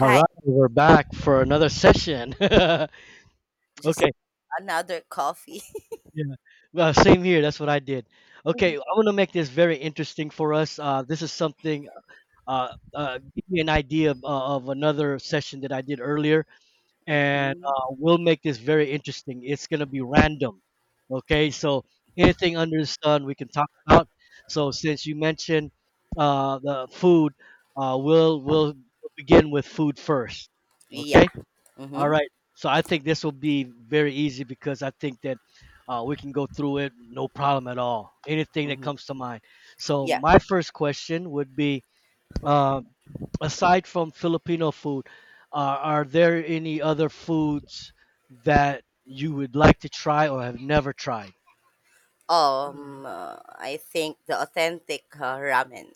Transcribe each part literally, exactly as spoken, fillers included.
All right, we're back for another session. okay, just another coffee. yeah, well, same here. That's what I did. Okay, I want to make this very interesting for us. Uh, this is something uh, uh, give me an idea of, uh, of another session that I did earlier, and uh, hmm we'll make this very interesting. It's gonna be random. Okay, so anything under the sun we can talk about. So since you mentioned uh, the food, uh, we'll we'll begin with food first. Yeah. Okay. All hmm right. So I think this will be very easy because I think that uh, we can go through it no problem at all. Anything that hmm comes to mind. So Yeah. my first question would be, um, aside from Filipino food, uh, are there any other foods that you would like to try or have never tried? Um, uh, I think the authentic uh, ramen.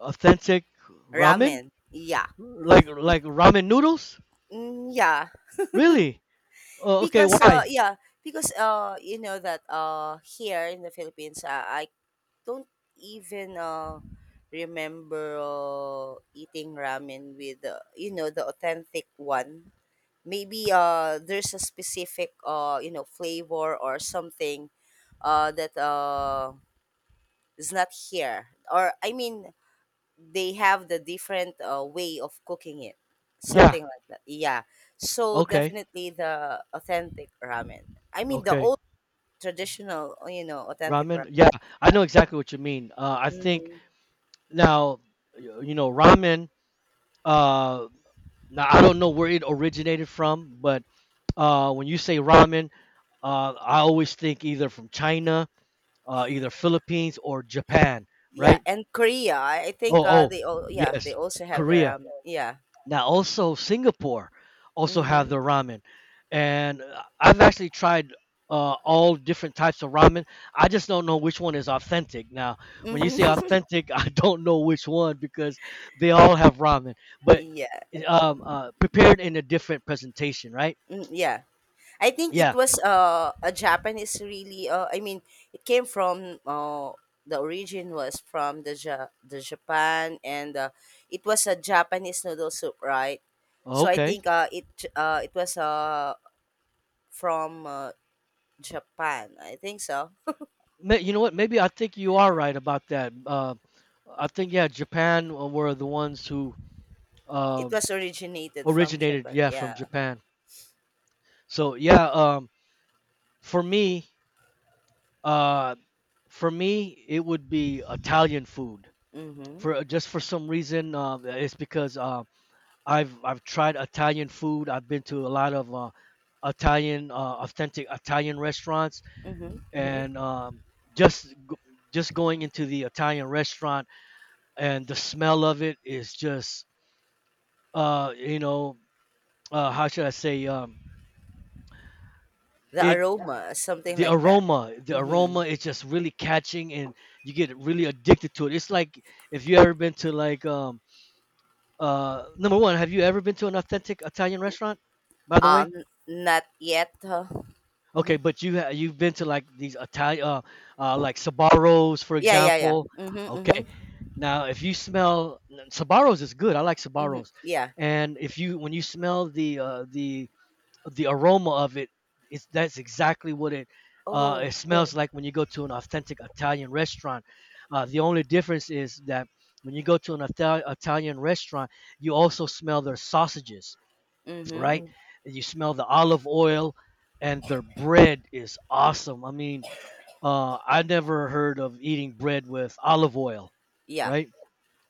Authentic ramen, Ramen. Yeah. like Be- like ramen noodles? mm, yeah. Really? Uh, okay. Because uh, Why? yeah. Because uh, you know that uh, here in the Philippines, uh, I don't even uh remember uh, eating ramen with uh, you know the authentic one. Maybe uh there's a specific uh you know flavor or something uh that uh is not here, or I mean they have the different uh, way of cooking it, Yeah. something like that, yeah. So Okay. definitely the authentic ramen, I mean the Okay. old traditional uh, you know authentic Ramen. ramen. Yeah. I know exactly what you mean. Uh, I think Mhm. now y- you know ramen uh now I don't know where it originated from, but uh when you say ramen, uh I always think either from China, uh either Philippines or Japan. Yeah, Right. and Korea, i I think oh uh oh they all, yeah, they yes, also have their Korea. ramen, yeah. Now, also Singapore also have Mm-hmm. their ramen, and uh, I've actually tried uh, all different types of ramen. I just don't know which one is authentic. Now, when you say Mm-hmm. authentic, I don't know which one because they all have ramen, but Yeah. um, uh, prepared in a different presentation, right? mm, yeah, I think it Yeah. was uh, a Japanese really. Uh, I mean, it came from uh, the origin was from the ja- the Japan, and uh, it was a Japanese noodle soup, right? So I Okay. think uh, it uh, it was uh, from uh, Japan. I think so. May- You know what? Maybe I think you are right about that. Uh, I think yeah, Japan were the ones who It um, was originated from originated, Japan. yeah, from Yeah. Japan. So yeah, um, for me, uh, for me, it would be Italian food. Mm-hmm. For uh, just for some reason, uh, it's because uh, I've I've tried Italian food. I've been to a lot of uh, Italian, uh, authentic Italian restaurants, Mm-hmm. and um, just go- just going into the Italian restaurant and the smell of it is just, uh, you know, uh, how should I say? Um, The it aroma, something the like that. aroma, the Mm-hmm. aroma is just really catching, and you get really addicted to it. It's like if you ever been to like um uh number one, have you ever been to an authentic Italian restaurant, by the way? Um, not yet. Huh? Mm-hmm. Okay, but you ha- you've been to like these Italian uh, uh like Sabaros, for Yeah, yeah, yeah. example. Mm-hmm, mm-hmm, Okay, now if you smell Sabaros is good. I like mm-hmm. Sabaros, Yeah. and if you when you smell the uh the the aroma of it is that's exactly what it uh, it Oh, smells like when you go to an authentic Italian restaurant. Uh, the only difference is that when you go to an Ital- Italian restaurant, you also smell their sausages, mm-hmm. right? Mm. You smell the olive oil, and their bread is awesome. I mean, uh, I never heard of eating bread with olive oil, Yeah, right?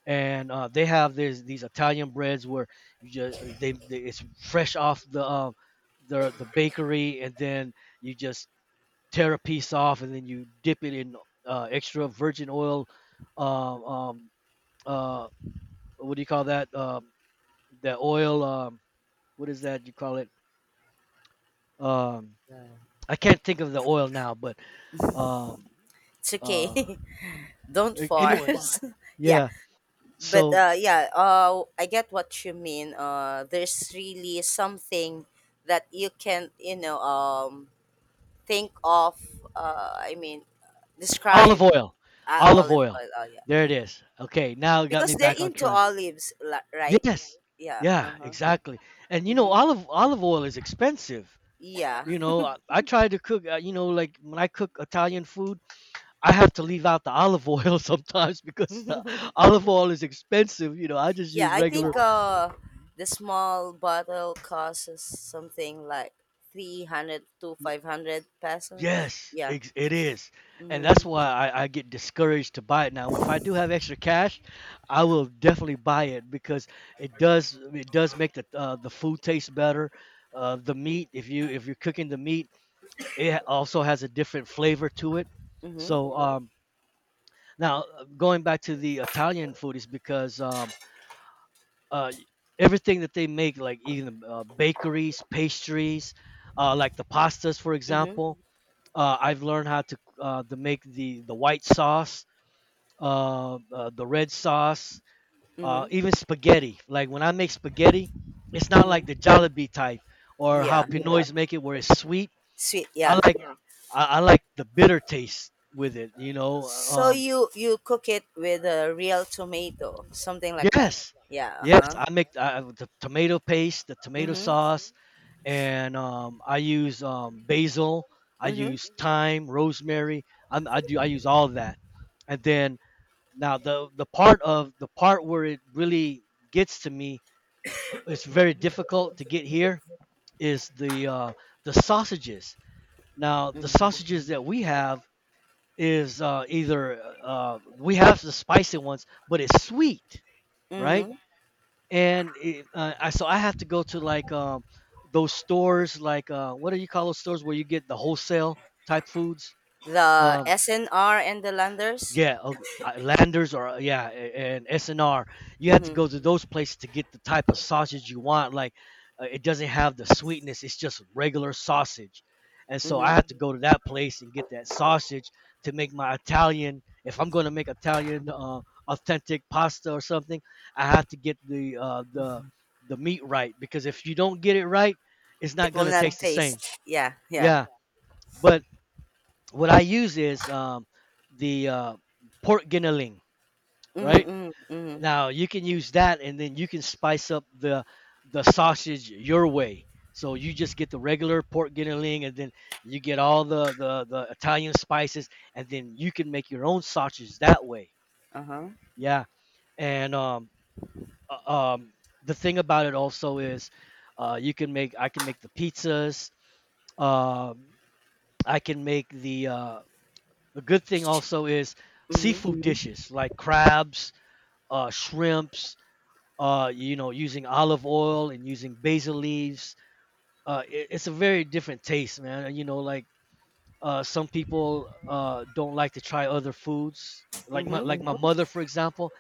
And uh, they have these these Italian breads where you just they, they it's fresh off the um, the the bakery, and then you just tear a piece off, and then you dip it in uh, extra virgin oil. Um, um, uh, what do you call that? Um, the oil. Um, what is that you call it? Um, I can't think of the oil now, but um, it's okay. uh, Don't anyway, force. Yeah, yeah. but So uh, yeah, uh, I get what you mean. Uh, there's really something that you can, you know, um, think of. Uh, I mean, describe olive oil. uh, Olive olive oil. oil. Oh, yeah, There it is. Okay, now it got because me they're back on into track. olives, la- right? Yes. Yeah. Yeah, Uh huh. exactly. And you know, Mm-hmm. olive olive oil is expensive. Yeah. You know, I, I try to cook, uh, you know, like when I cook Italian food, I have to leave out the olive oil sometimes because the olive oil is expensive. You know, I just Yeah, use I regular. think uh the small bottle costs something like three hundred to Yeah. five hundred pesos. Yes, Yeah. ex- it is. And that's Mhm. why I, I get discouraged to buy it now. If I do have extra cash, I will definitely buy it because it does it does make the uh, the food taste better. Uh, the meat, if you if you're cooking the meat, it ha- also has a different flavor to it. Mhm. So um, now uh, going back to the Italian food is because um, uh, everything that they make, like even uh, bakeries, pastries, uh, like the pastas, for Mhm. example, uh, I've learned how to uh, to make the the white sauce, uh, uh, the red sauce, uh, Mhm. even spaghetti. Like when I make spaghetti, it's not like Mhm. the Jollibee type or how Yeah. Pinoys, yeah, make it where it's sweet. Sweet, I yeah. like I, I like the bitter taste with it. You know, So um, you you cook it with a real tomato, something like that. yes, Yeah, yes. uh-huh. I make I, the tomato paste, the tomato Mhm. sauce, and um, I use um, basil. I Mhm. use thyme, rosemary. i I do. I use all that, and then now the the part of the part where it really gets to me, it's very difficult to get here, is the uh, the sausages. Now the Mhm. sausages that we have is uh, either uh, we have the spicy ones, but it's sweet, right? Mhm. And it, uh, I so I have to go to like um, those stores, like uh, what do you call those stores where you get the wholesale type foods? The Um, S N R and the Landers. Yeah, okay. uh, Landers or uh, yeah, a- and S and R. You have to Mhm. go to those places to get the type of sausage you want. Like, uh, it doesn't have the sweetness. It's just regular sausage, and so I Mhm. have to go to that place and get that sausage to make my Italian. If I'm going to make Italian uh, authentic pasta or something, I have to get the uh, the the meat right, because if you don't get it right, it's It not will going to not taste the same. taste. Yeah, yeah. Yeah, but what I use is um, the uh, pork guinealing, Mhm. right? Mhm. Mhm. Now you can use that, and then you can spice up the the sausage your way. So you just get the regular pork guinealing, and then you get all the the the Italian spices, and then you can make your own sausage that way. Uh-huh. Yeah, and um uh, um the thing about it also is, uh you can make I can make the pizzas. Um, I can make the uh The good thing also is Mm-hmm. seafood dishes like crabs, uh shrimps, uh, you know, using olive oil and using basil leaves. Uh, it, it's a very different taste, man. And, you know, like uh, some people uh, don't like to try other foods. Like my Mm-hmm. like my mother, for example,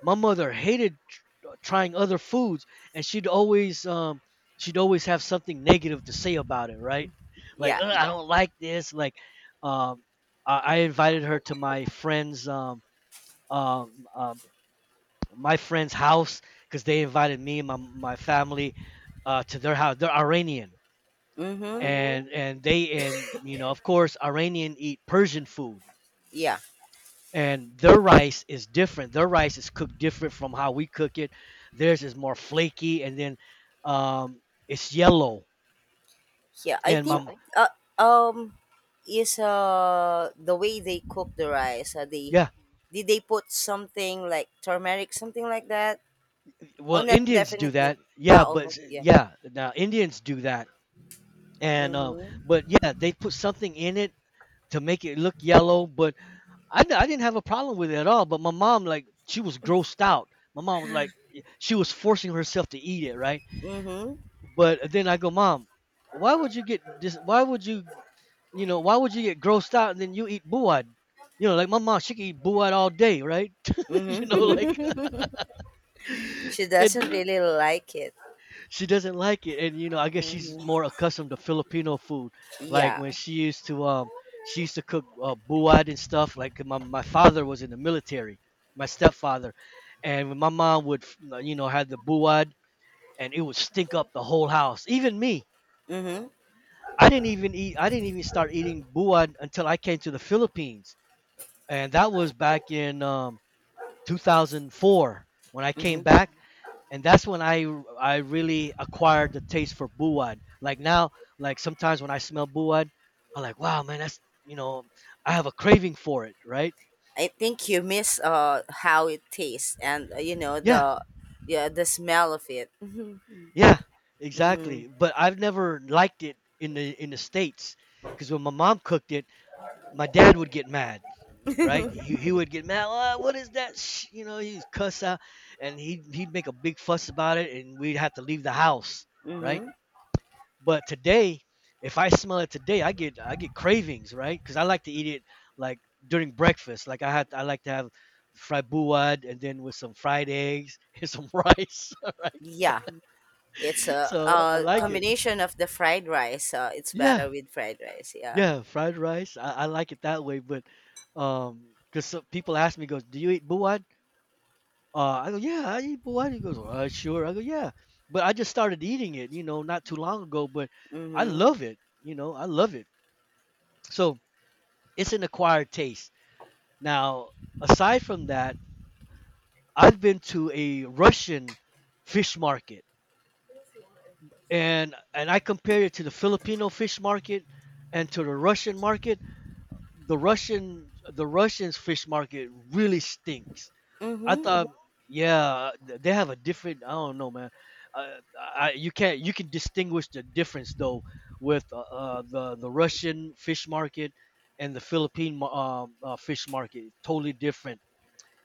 my mother hated tr- trying other foods, and she'd always um, she'd always have something negative to say about it, right? Like, Yeah. "Ugh, I don't like this." Like, um, I, I invited her to my friend's um, um, uh, my friend's house because they invited me and my my family uh, to their house. They're Iranian, Mm-hmm. and and they and you know, of course Iranian eat Persian food, Yeah. and their rice is different. Their rice is cooked different from how we cook it. Theirs is more flaky, and then um, it's yellow. Yeah. I And think my uh, um is uh the way they cook the rice. Uh, they, Yeah, did they put something like turmeric, something like that? Oh, well, not Indians do that. definitely. Yeah, Ah, but oh, s- yeah. yeah, now Indians do that, and uh, Mm-hmm. but yeah, they put something in it to make it look yellow. But I, d- I didn't have a problem with it at all, but my mom, like, she was grossed out. My mom was like she was forcing herself to eat it, right? Mm-hmm. But then I go, "Mom, why would you get this why would you, you know, why would you get grossed out and then you eat buad?" You know, like my mom, she can eat buad all day, right? You know, Mm-hmm. like She doesn't and really like it. she doesn't like it, and you know, I guess she's Mm-hmm. more accustomed to Filipino food, like when Yeah. she used to um she used to cook uh, buad and stuff. Like my, my father was in the military, my stepfather, and when my mom would, you know, had the buad, and it would stink up the whole house. Even me, Mm-hmm. i didn't even eat I didn't even start eating buad until I came to the Philippines, and that was back in um, two thousand four, when I came Mm-hmm. back, and that's when I I really acquired the taste for buad. Like now, like sometimes when I smell buad, I'm like, wow, man, that's, you know, I have a craving for it, right? I think you miss uh how it tastes and uh, you know Yeah, the yeah the smell of it. yeah, Mm-hmm. exactly. But I've never liked it in the in the states, because when my mom cooked it, my dad would get mad, right? He, he would get mad. "Ah, what is that? Sh-" You know, he'd cuss out, and he'd he'd make a big fuss about it, and we'd have to leave the house, right? Mm-hmm. But today, if I smell it today, I get I get cravings, right? Because I like to eat it like during breakfast. Like I had I like to have fried buad and then with some fried eggs and some rice, all right? Yeah, it's a So I uh like it. combination of the fried rice. Uh, it's Yeah, better with fried rice. Yeah. yeah, fried rice. I, I like it that way. But um, because people ask me, goes, do you eat buad? Uh, I go, yeah, I eat buad. He goes, uh, sure. I go, yeah. But I just started eating it, you know, not too long ago. But I Mhm. love it. You know, I love it. So it's an acquired taste. Now, aside from that, I've been to a Russian fish market, and and I compare it to the Filipino fish market and to the Russian market. The Russian the Russians fish market really stinks. I Mhm. thought, yeah, th- they have a different. I don't know, man. Uh, I, you can't you can distinguish the difference though with uh, uh, the the Russian fish market and the Philippine um, uh, fish market. Totally different.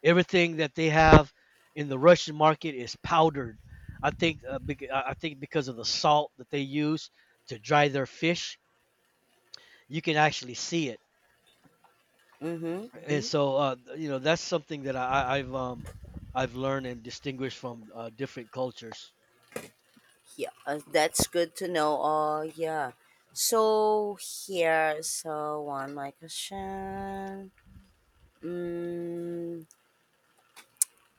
Everything that they have in the Russian market is powdered. I think uh, bec- I think because of the salt that they use to dry their fish, you can actually see it. Mhm. And so uh, you know that's something that I, I- I've um, I've learned and distinguished from uh, different cultures. Yeah, uh, that's good to know. Oh, yeah. So here, so one my question. Mm,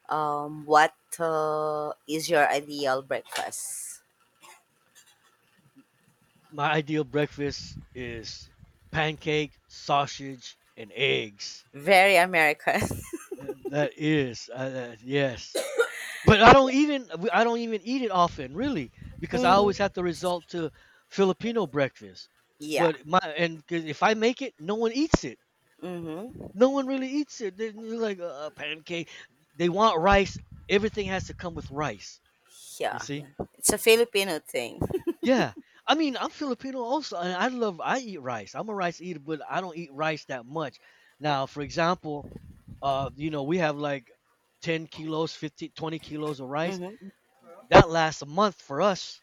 um, what uh, is your ideal breakfast? My ideal breakfast is pancake, sausage, and eggs. Very American. Uh, That is, uh, uh, yes. But I don't even I don't even eat it often, really, because I Mhm. always have to resort to Filipino breakfast. Yeah. But my and 'cause if I make it, no one eats it. Mhm. No one really eats it. They're like uh, a pancake. They want rice. Everything has to come with rice. You Yeah. see? It's a Filipino thing. Yeah. I mean, I'm Filipino also, and I love I eat rice. I'm a rice eater, but I don't eat rice that much. Now, for example, uh, you know, we have like 10 kilos, fifteen, twenty kilos of rice. Mhm. That lasts a month for us,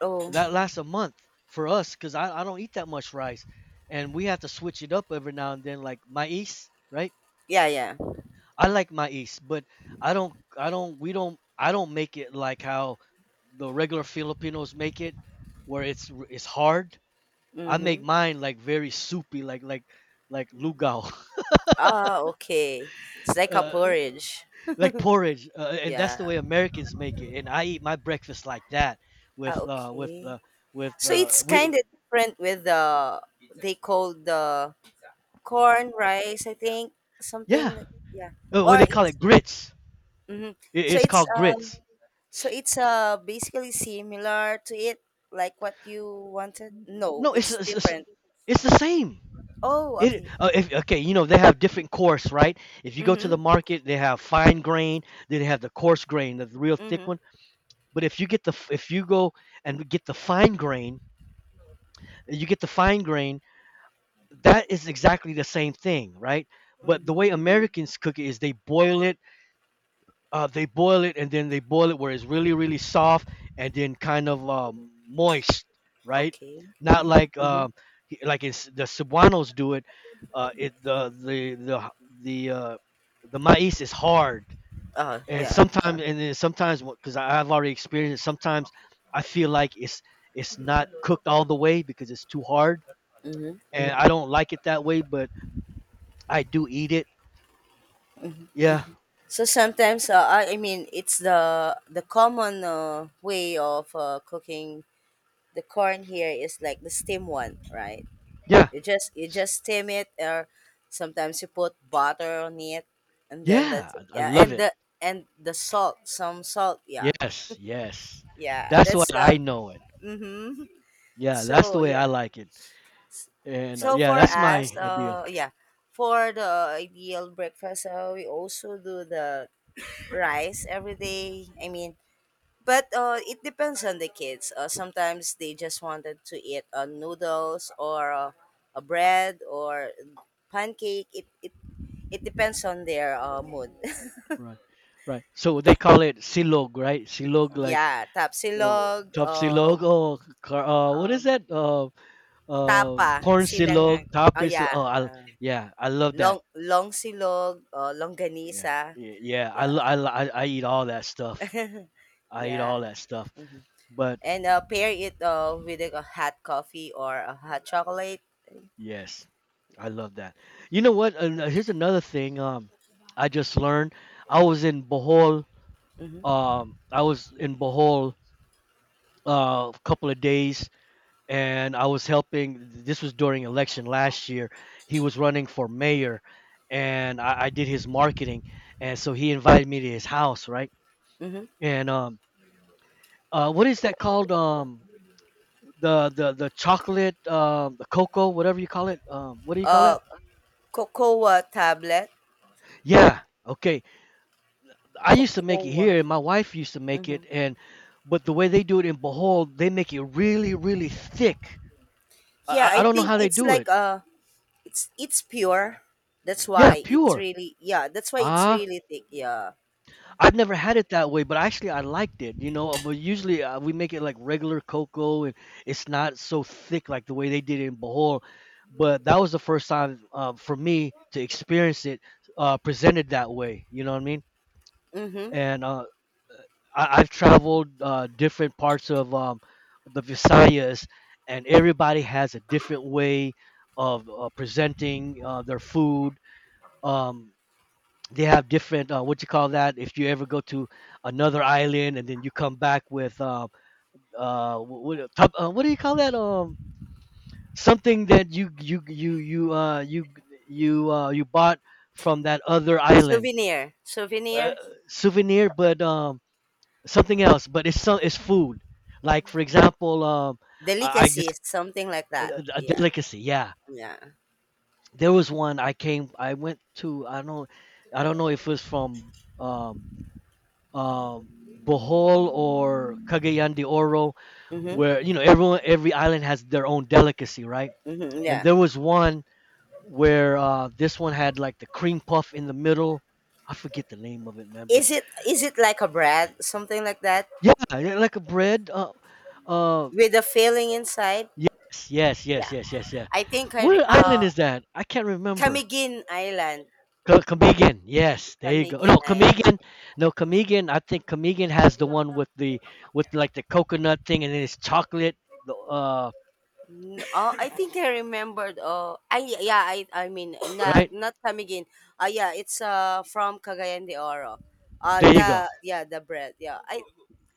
Oh. that lasts a month for us because I, I don't eat that much rice, and we have to switch it up every now and then, like maize, right? Yeah. Yeah. I like maize, but i don't i don't we don't I don't make it like how the regular filipinos make it, where it's it's hard. I make Mhm. mine like very soupy, like like like lugao, Ah, okay. It's like a uh, porridge. like porridge, uh, and that's the Yeah. way americans make it, and I eat my breakfast like that. Ah, With uh with okay. uh with So uh it's we kind of different with the, they call the corn rice, I think, Yeah, something like yeah. uh, what Or they call it's, it, grits. hmm It, so it's it's called uh grits. so it's uh basically similar to it, like what you wanted. No, No, it's it's it's, it's, different. it's the same. Oh, It okay. Uh, if, okay, you know, they have different coarse, right? If you go to the Mhm. market, they have fine grain. Then they have the coarse grain, the real thick Mhm. one. But if you get the f- if you go and get the fine grain, you get the fine grain. That is exactly the same thing, right? But the Mhm. way Americans cook it is they boil it. Uh, they boil it, and then they boil it where it's really, really soft and then kind of um, moist, right? Okay. Not Mhm. like um, he- like it's, The Cebuanos do it. Uh, it the the the the uh, the maiz is hard, Oh, and yeah. sometimes and then sometimes because I've already experienced it. Sometimes I feel like it's it's not cooked all the way because it's too hard, Mm-hmm. and I don't like it that way. But I do eat it. Yeah, So sometimes, uh, I I mean, it's the the common uh, way of uh, cooking the corn here is like the steam one, right? yeah, You just you just steam it, or sometimes you put butter on it, and then yeah. that's it. I I Yeah, and love it. the and the salt, some salt. Yeah, Yes, yes. yeah. That's That's what uh. I know it. Mm-hmm. Yeah, that's the So way I yeah. like it. And uh, So yeah, for that's my us, ideal. uh, yeah, for the ideal breakfast, uh, we also do the rice every day. I mean, but uh, it depends on the kids. Uh, sometimes they just wanted to eat uh, noodles or uh, a bread or pancake. It it, it depends on their uh, mood. Right, right. So they call it silog, right? Silog, like Yeah, uh, tapsilog, top silog. um, Oh, car, uh, what is um, that? Uh, uh, tapa, Corn sinangag. silog, top Oh is. Oh, yeah, I, uh, yeah, I love that. long long silog, uh, Yeah, longganisa. y- yeah. I, Yeah, lo- I, lo- I I eat all that stuff. I eat yeah. all that stuff. hmm But. And uh, pair it uh, with a hot coffee or a hot chocolate. Yes, I love that. You know what? An- uh, here's another thing. Um, I just learned. I was in Bohol. Mm-hmm. Um, I was in Bohol uh, a couple of days, and I was helping. This was during election last year. He was running for mayor, and I, I did his marketing, and so he invited me to his house, right? Mm-hmm. And um, uh, what is that called? Um, the the the chocolate, um, the cocoa, whatever you call it. Um, what do you call Uh, it? cocoa tablet. Yeah. Okay. I used to make it Cocoa. here, and my wife used to make it, Mhm. and but the way they do it in Bohol, they make it really, really thick. I, Yeah, I I I don't know think how they it's do it. like uh it's it's pure. That's mm-hmm Yeah, why it's pure. really, yeah, that's why it's Ah, really thick. Yeah. I've never had it that way, but actually I liked it. You know, but usually uh, we make it like regular cocoa, and it's not so thick like the way they did it in Bohol. But that was the first time uh, for me to experience it uh, presented that way. You know what I mean? Mhm. And uh, I, I've traveled uh, different parts of um, the Visayas, and everybody has a different way of uh, presenting uh, their food. Um, they have different uh, what you call that if you ever go to another island and then you come back with uh, uh, what, uh, what do you call that, um something that you you you you uh you you uh you bought from that other island, Souvenir. uh, Souvenir. souvenir, but um something else, but it's so, it's food. Like for example, um, I, I just Delicacies, something like that. a, a Yeah. delicacy. Yeah, Yeah. there was one I came. I went to. I don't. I don't know if it was from um, um, Bohol or Cagayan de Oro, Mhm. where you know everyone, every island has their own delicacy, right? Mhm. And Yeah. there was one where uh, this one had like the cream puff in the middle. I forget the name of it, man, but Is it is it like a bread, something like that yeah, yeah, like a bread. Uh, uh, with a filling inside? Yes, yes, yes, Yeah. yes, yes, yeah. I think I What re- island uh is that? I can't remember. Camiguin Island. Co- Comigan. Yes, there you go. No, Camiguin Island. Comigan. No, Comigan. I think Comigan has the one with the with like the coconut thing, and then it's chocolate. the- Uh, N- Oh, I think I remembered. Oh, I yeah, I I mean not right, not Camiguin. Uh, yeah, it's uh from Cagayan de Oro. Uh, Uh, there you the go. yeah the bread. Yeah, I,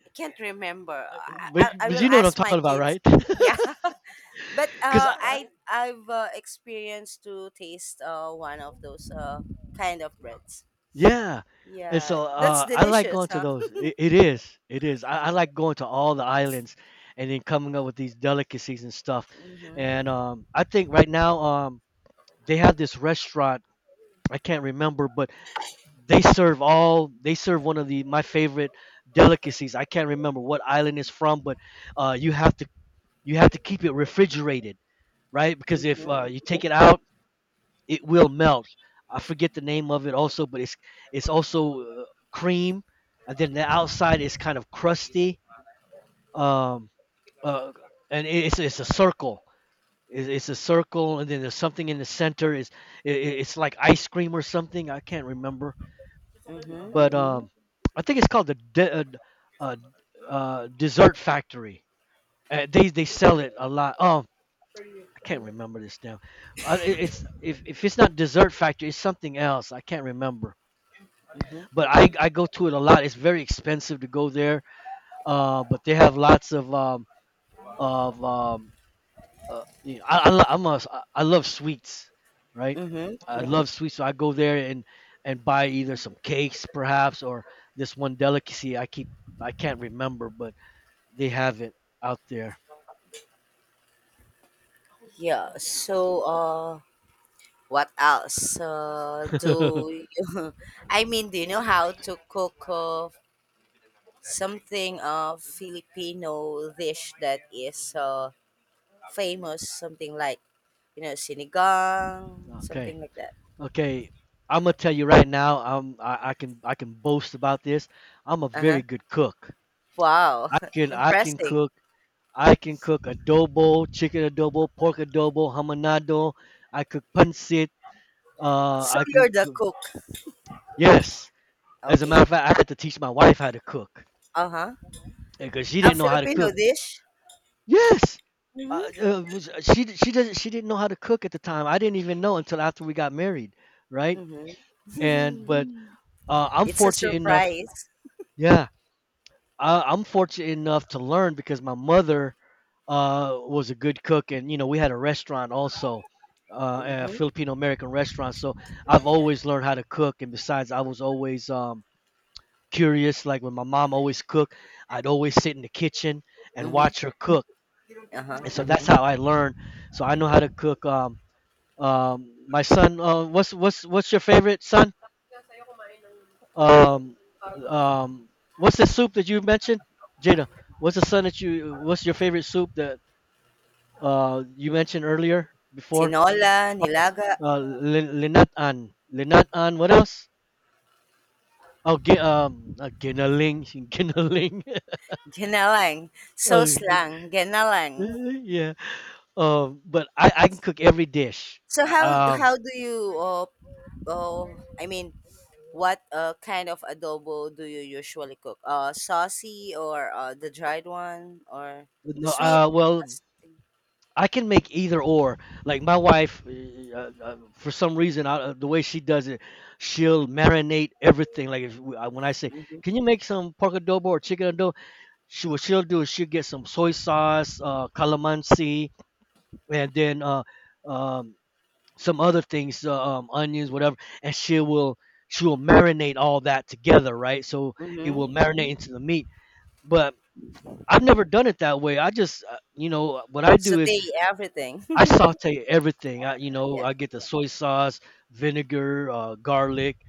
I can't remember. I, I But, I but will you know what I'm ask my talking about, kids. right? Yeah, but Cause uh, I, I- I I've uh, experienced to taste uh one of those uh kind of breads. yeah, and Yeah, so that's uh, I like delicious, going to huh? those. It, it is, it is. I, I like going to all the islands, and then coming up with these delicacies and stuff. And Mm-hmm, um, I think right now, um, they have this restaurant. I can't remember, but they serve all they serve one of the my favorite delicacies. I can't remember what island it's from, but uh, you have to you have to keep it refrigerated, right? Because if uh, you take it out, it will melt. I forget the name of it also, but it's it's also uh, cream, and then the outside is kind of crusty, um, uh, and it- it's it's a circle. It's, it's a circle, and then there's something in the center. Is it, it's like ice cream or something. I can't remember, but um, I think it's called the de- uh, uh, uh, Dessert Factory. Uh, they they sell it a lot. Oh, I can't remember this now. Uh, it- it's if if it's not Dessert Factory, it's something else. I can't remember. mm-hmm, But I I go to it a lot. It's very expensive to go there. Uh, but they have lots of um of um uh, you know, I, I lo- I'm a, s- I am ai love sweets, right? mm-hmm. I love sweets, so I go there and and buy either some cakes, perhaps, or this one delicacy I keep I can't remember, but they have it out there. Yeah. So uh. What else? Uh, do you, I mean, do you know how to cook uh, something uh, Filipino dish that is uh, famous? Something like you know sinigang, something Okay, like that. okay. I'm gonna tell you right now. I'm I, I can I can boast about this. I'm a Uh very huh. good cook. Wow, I can I can impressive. cook. I can cook adobo, chicken adobo, pork adobo, hamonado. I cook pancit. Uh, So I can you're the cook. cook. Yes. As a matter Okay. of fact, I had to teach my wife how to cook Uh huh. because she A didn't know how to Filipino cook. dish. Yes. Uh, Mhm. Uh, was- uh, she she doesn't she didn't know how to cook at the time. I didn't even know until after we got married, right? Mhm. And but uh, I'm It's a fortunate enough. surprise. Yeah, I, I'm fortunate enough to learn because my mother uh, was a good cook, and you know we had a restaurant also, uh, a Mhm. Filipino American restaurant. So I've always learned how to cook, and besides, I was always um, curious. Like when my mom always cooked, I'd always sit in the kitchen and Mhm. watch her cook, Uh huh. and so that's how I learned. So I know how to cook. Um, um, my son, uh, what's what's what's your favorite son? Um, um, what's the soup that you mentioned, Jada? What's the son that you? What's your favorite soup that uh you mentioned earlier before? Tinola, nilaga. Uh, lin- linat an, linat an. What else? Oh, gi- um, uh, ginaling, ginaling. Ginalang. oh, Sauce gi- lang, ginalang. yeah. Um, but I, I can cook every dish. So how Uh, Um, how do you uh, oh I mean what uh, kind of adobo do you usually cook? Uh saucy or uh, the dried one or the no, sweet? uh, well, I can make either or. Like my wife, uh, uh, uh, for some reason, uh, the way she does it, she'll marinate everything. Like if, we- uh, when I say, Mm-hmm. "Can you make some pork adobo or chicken adobo?" She what she'll do is she'll get some soy sauce, uh, calamansi, and then uh, um, some other things, uh, um, onions, whatever, and she will she will marinate all that together, right? So it will Mm-hmm. marinate into the meat. But I've never done it that way. I just, uh, you know, what I do is Saute everything. I saute everything. I, you know, yeah. I get the soy sauce, vinegar, uh, garlic,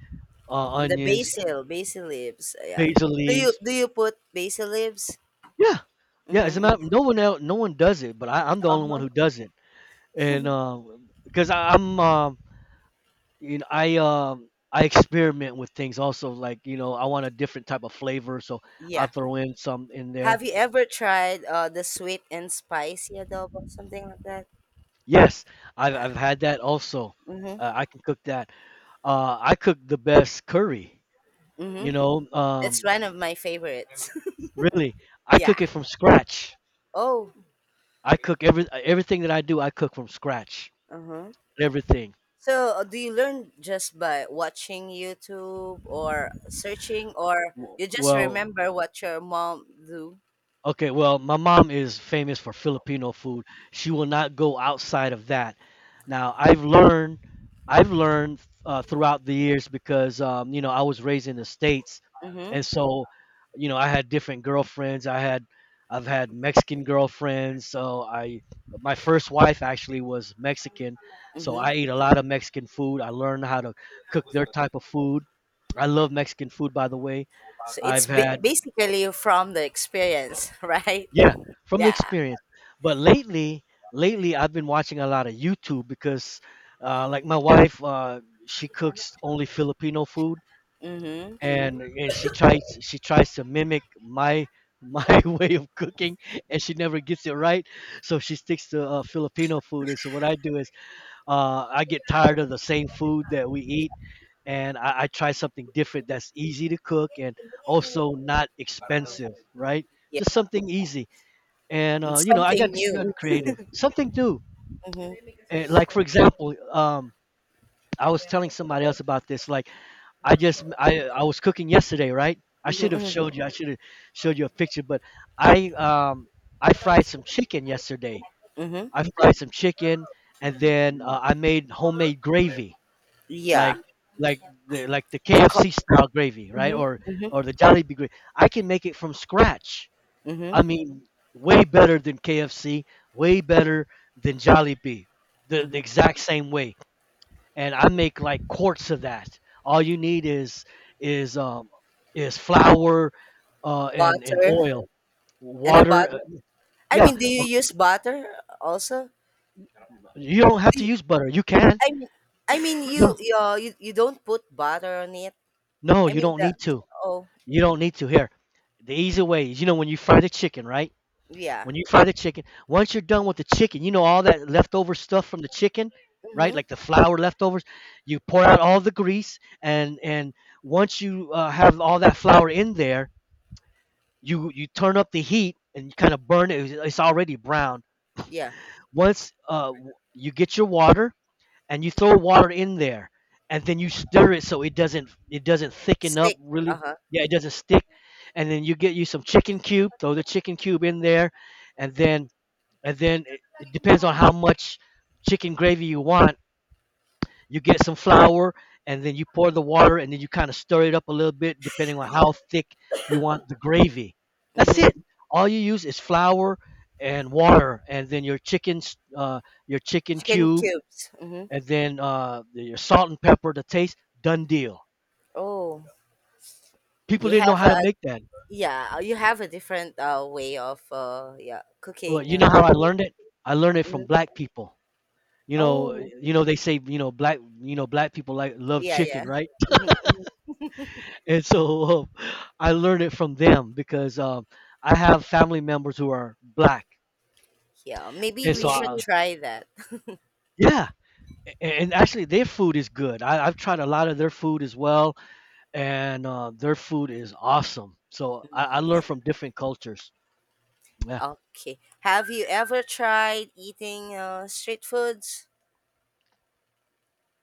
uh, And the onions, basil, basil leaves. Yeah. basil Do you leaves. do you put basil leaves? Yeah, yeah. Mm-hmm. As a matter, Mm-hmm. no one else, no one does it, but I, I'm the only one Uh-huh. who does it. And um, because I, I'm, um, you know, I, um, I experiment with things also. Like, you know, I want a different type of flavor, so I Yeah. throw in some in there. Have you ever tried uh the sweet and spicy adobo, something like that? Yes, I've Yeah. I've had that also. Mm-hmm. Uh, I can cook that. Uh, I cook the best curry. You Mm-hmm. know, That's um, one of my favorites. really, I cook Yeah. it from scratch. Oh. I cook every everything that I do. I cook from scratch. Uh-huh. Everything. So uh, do you learn just by watching YouTube or searching, or W- you just Well, remember what your mom do? Okay, well, my mom is famous for Filipino food. She will not go outside of that. Now, I've learned, I've learned uh, throughout the years because um, you know I was raised in the States, Mm-hmm. and so you know I had different girlfriends. I had, I've had Mexican girlfriends. So I, my first wife actually was Mexican, so Mm-hmm. I ate a lot of Mexican food. I learned how to cook their type of food. I love Mexican food, by the way. So I've it's ba- had basically from the experience, right? yeah, from the Yeah. experience. But lately, lately I've been watching a lot of YouTube because, uh, like my wife, uh, she cooks only Filipino food, Mm-hmm. and and she tries she tries to mimic my my way of cooking, and she never gets it right. So she sticks to uh, Filipino food. And so what I do is, uh, I get tired of the same food that we Yeah. eat, and I, I try something different that's easy to cook and also not expensive, right? Yeah. Just something easy and uh, It's you know I something got to new. got creative, something new. Mm-hmm. And like for example, um, I was telling somebody else about this. Like I just I I was cooking yesterday, right? I should have Mm-hmm. showed you. I should have showed you a picture, but I um I fried some chicken yesterday. Mm-hmm. I fried some chicken, and then uh, I made homemade gravy, like Yeah. like the like the The co- K F C style gravy, right? Or mm-hmm. or the Jollibee gravy. I can make it from scratch Mm-hmm. I mean, way better than K F C, way better than Jollibee, the, the Mm-hmm. exact same way. And I make like quarts of that. All you need is is um is flour, uh, and and Butter oil, and a water. butter. uh, I Yeah, mean, do you uh, use butter also? you don't have Do to you, use butter. You can. I mean, I mean, you No, you, uh, you you don't put butter on it. no, I you mean don't the need to. oh You don't need to. Here, the easy way is you know when you fry the chicken, right? yeah, When you fry the chicken, once you're done with the chicken, you know all that leftover stuff from the chicken, right? mm-hmm, Like the flour leftovers. You pour out all the grease, and and once you uh, have all that flour in there, you you turn up the heat and you kind of burn it. It's it's already brown. yeah, Once uh, w- you get your water and you throw water in there, and then you stir it so it doesn't it doesn't thicken up steak, really. uh huh, Yeah, it doesn't stick. And then you get you some chicken cube. Throw the chicken cube in there, and then and then it, it depends on how much chicken gravy you want. You get some flour, and then you pour the water, and then you kind of stir it up a little bit, depending on how thick you want the gravy. That's mm-hmm, it. All you use is flour and water, and then your chicken, s- uh, your chicken chicken cube, cubes, mm-hmm. and then uh, your salt and pepper to taste. Done deal. Oh, People you didn't know have how a to make that. yeah, uh, you have a different uh way of uh yeah Well, cooking you know how uh I great. learned it. I learned it from Mhm. black people. You know, Oh you know they say you know black you know black people like love yeah chicken, yeah. right? Mm-hmm, mm-hmm. And so I learned it from them because um, I have family members who are black, Yeah, maybe and we so should I, try that. yeah, a- and actually their food is good. I, I've tried a lot of their food as well, and uh, their food is awesome. So I, I learned from different cultures. Yeah, Okay. Have you ever tried eating uh, street foods?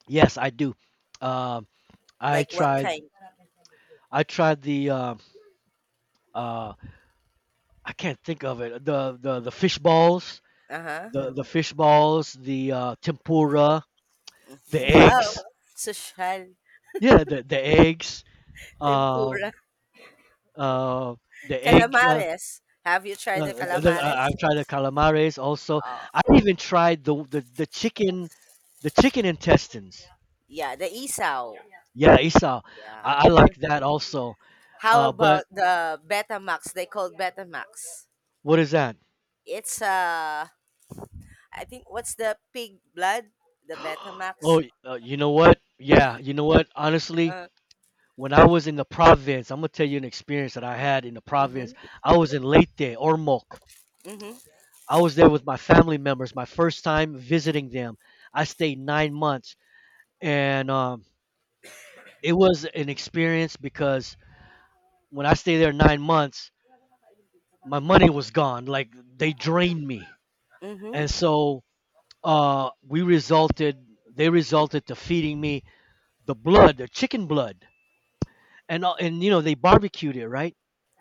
yes, I do. Um, I Like what tried. kind? I tried the uh, uh, I can't think of it. The the the fish balls, Uh-huh. the the fish balls, the uh, tempura, the Wow. eggs. Social. Yeah, the the eggs uh, Tempura. uh, the egg. Uh, Calamares. Have you tried uh, the the, the- I- calamares? I've tried the calamares also. Oh, I even tried the the, the chicken, the chicken intestines. yeah, the isaw. Yeah, Esau, Yeah. I, I like that also. How Uh, but about the Betamax? They called Betamax. what is that? It's uh I think what's the pig blood? The Betamax. Oh, uh, you know what? Yeah, you know what? Honestly, Uh, when I was in the province, I'm gonna tell you an experience that I had in the province. mhm. I was in Leyte, Ormoc. Mhm. I was there with my family members, my first time visiting them. I stayed nine months, and um, it was an experience because when I stayed there nine months, my money was gone. Like they drained me, Mhm. and so uh, we resulted. They resulted to feeding me the blood, the chicken blood, and uh, and you know they barbecued it, right?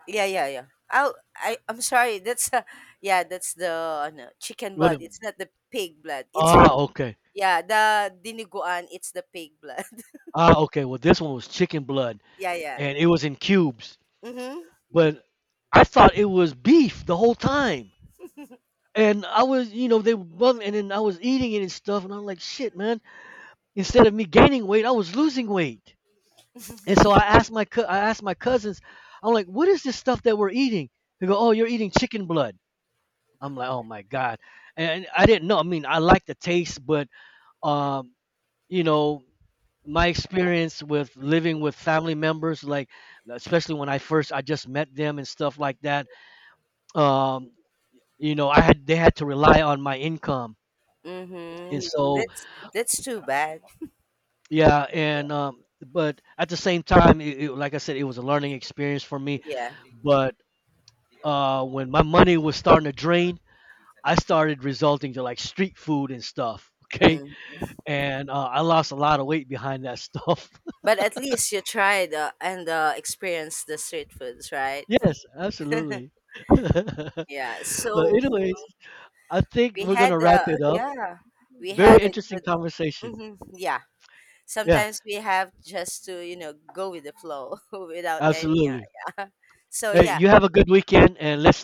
Yeah, yeah, yeah. Oh, I I'm sorry. That's uh, yeah, that's the ano, chicken What blood. a- It's not the pig blood. It's ah, okay, yeah, the diniguan, it's the pig blood. ah, okay. Well, this one was chicken blood, Yeah, yeah. and it was in cubes, Mhm. but I thought it was beef the whole time. And I was, you know, they were bugging, and then I was eating it and stuff, and I'm like, shit, man, instead of me gaining weight, I was losing weight. And so I asked my cou- I asked my cousins, I'm like, what is this stuff that we're eating? They go, oh, you're eating chicken blood. I'm like, oh my god. And I didn't know. I mean, I like the taste, but um, you know, my experience with living with family members, like especially when I first I just met them and stuff like that. Um, you know, I had they had to rely on my income, and Mhm. so That's that's too bad. yeah, Yeah. and um, but at the same time, it, it, like I said, it was a learning experience for me. Yeah. But uh, when my money was starting to drain, I started resulting to like street food and stuff. Okay, Mm. and uh, I lost a lot of weight behind that stuff. But at least you tried uh, and uh, experienced the street foods, right? yes, absolutely. but Yeah. So anyways, I think we we're gonna had wrap uh, it up. yeah, we Very had a interesting good conversation. mhm, yeah. Yeah, Sometimes we have just to you know go with the flow without any uh, absolutely. yeah so Hey, yeah you have a good weekend, and let's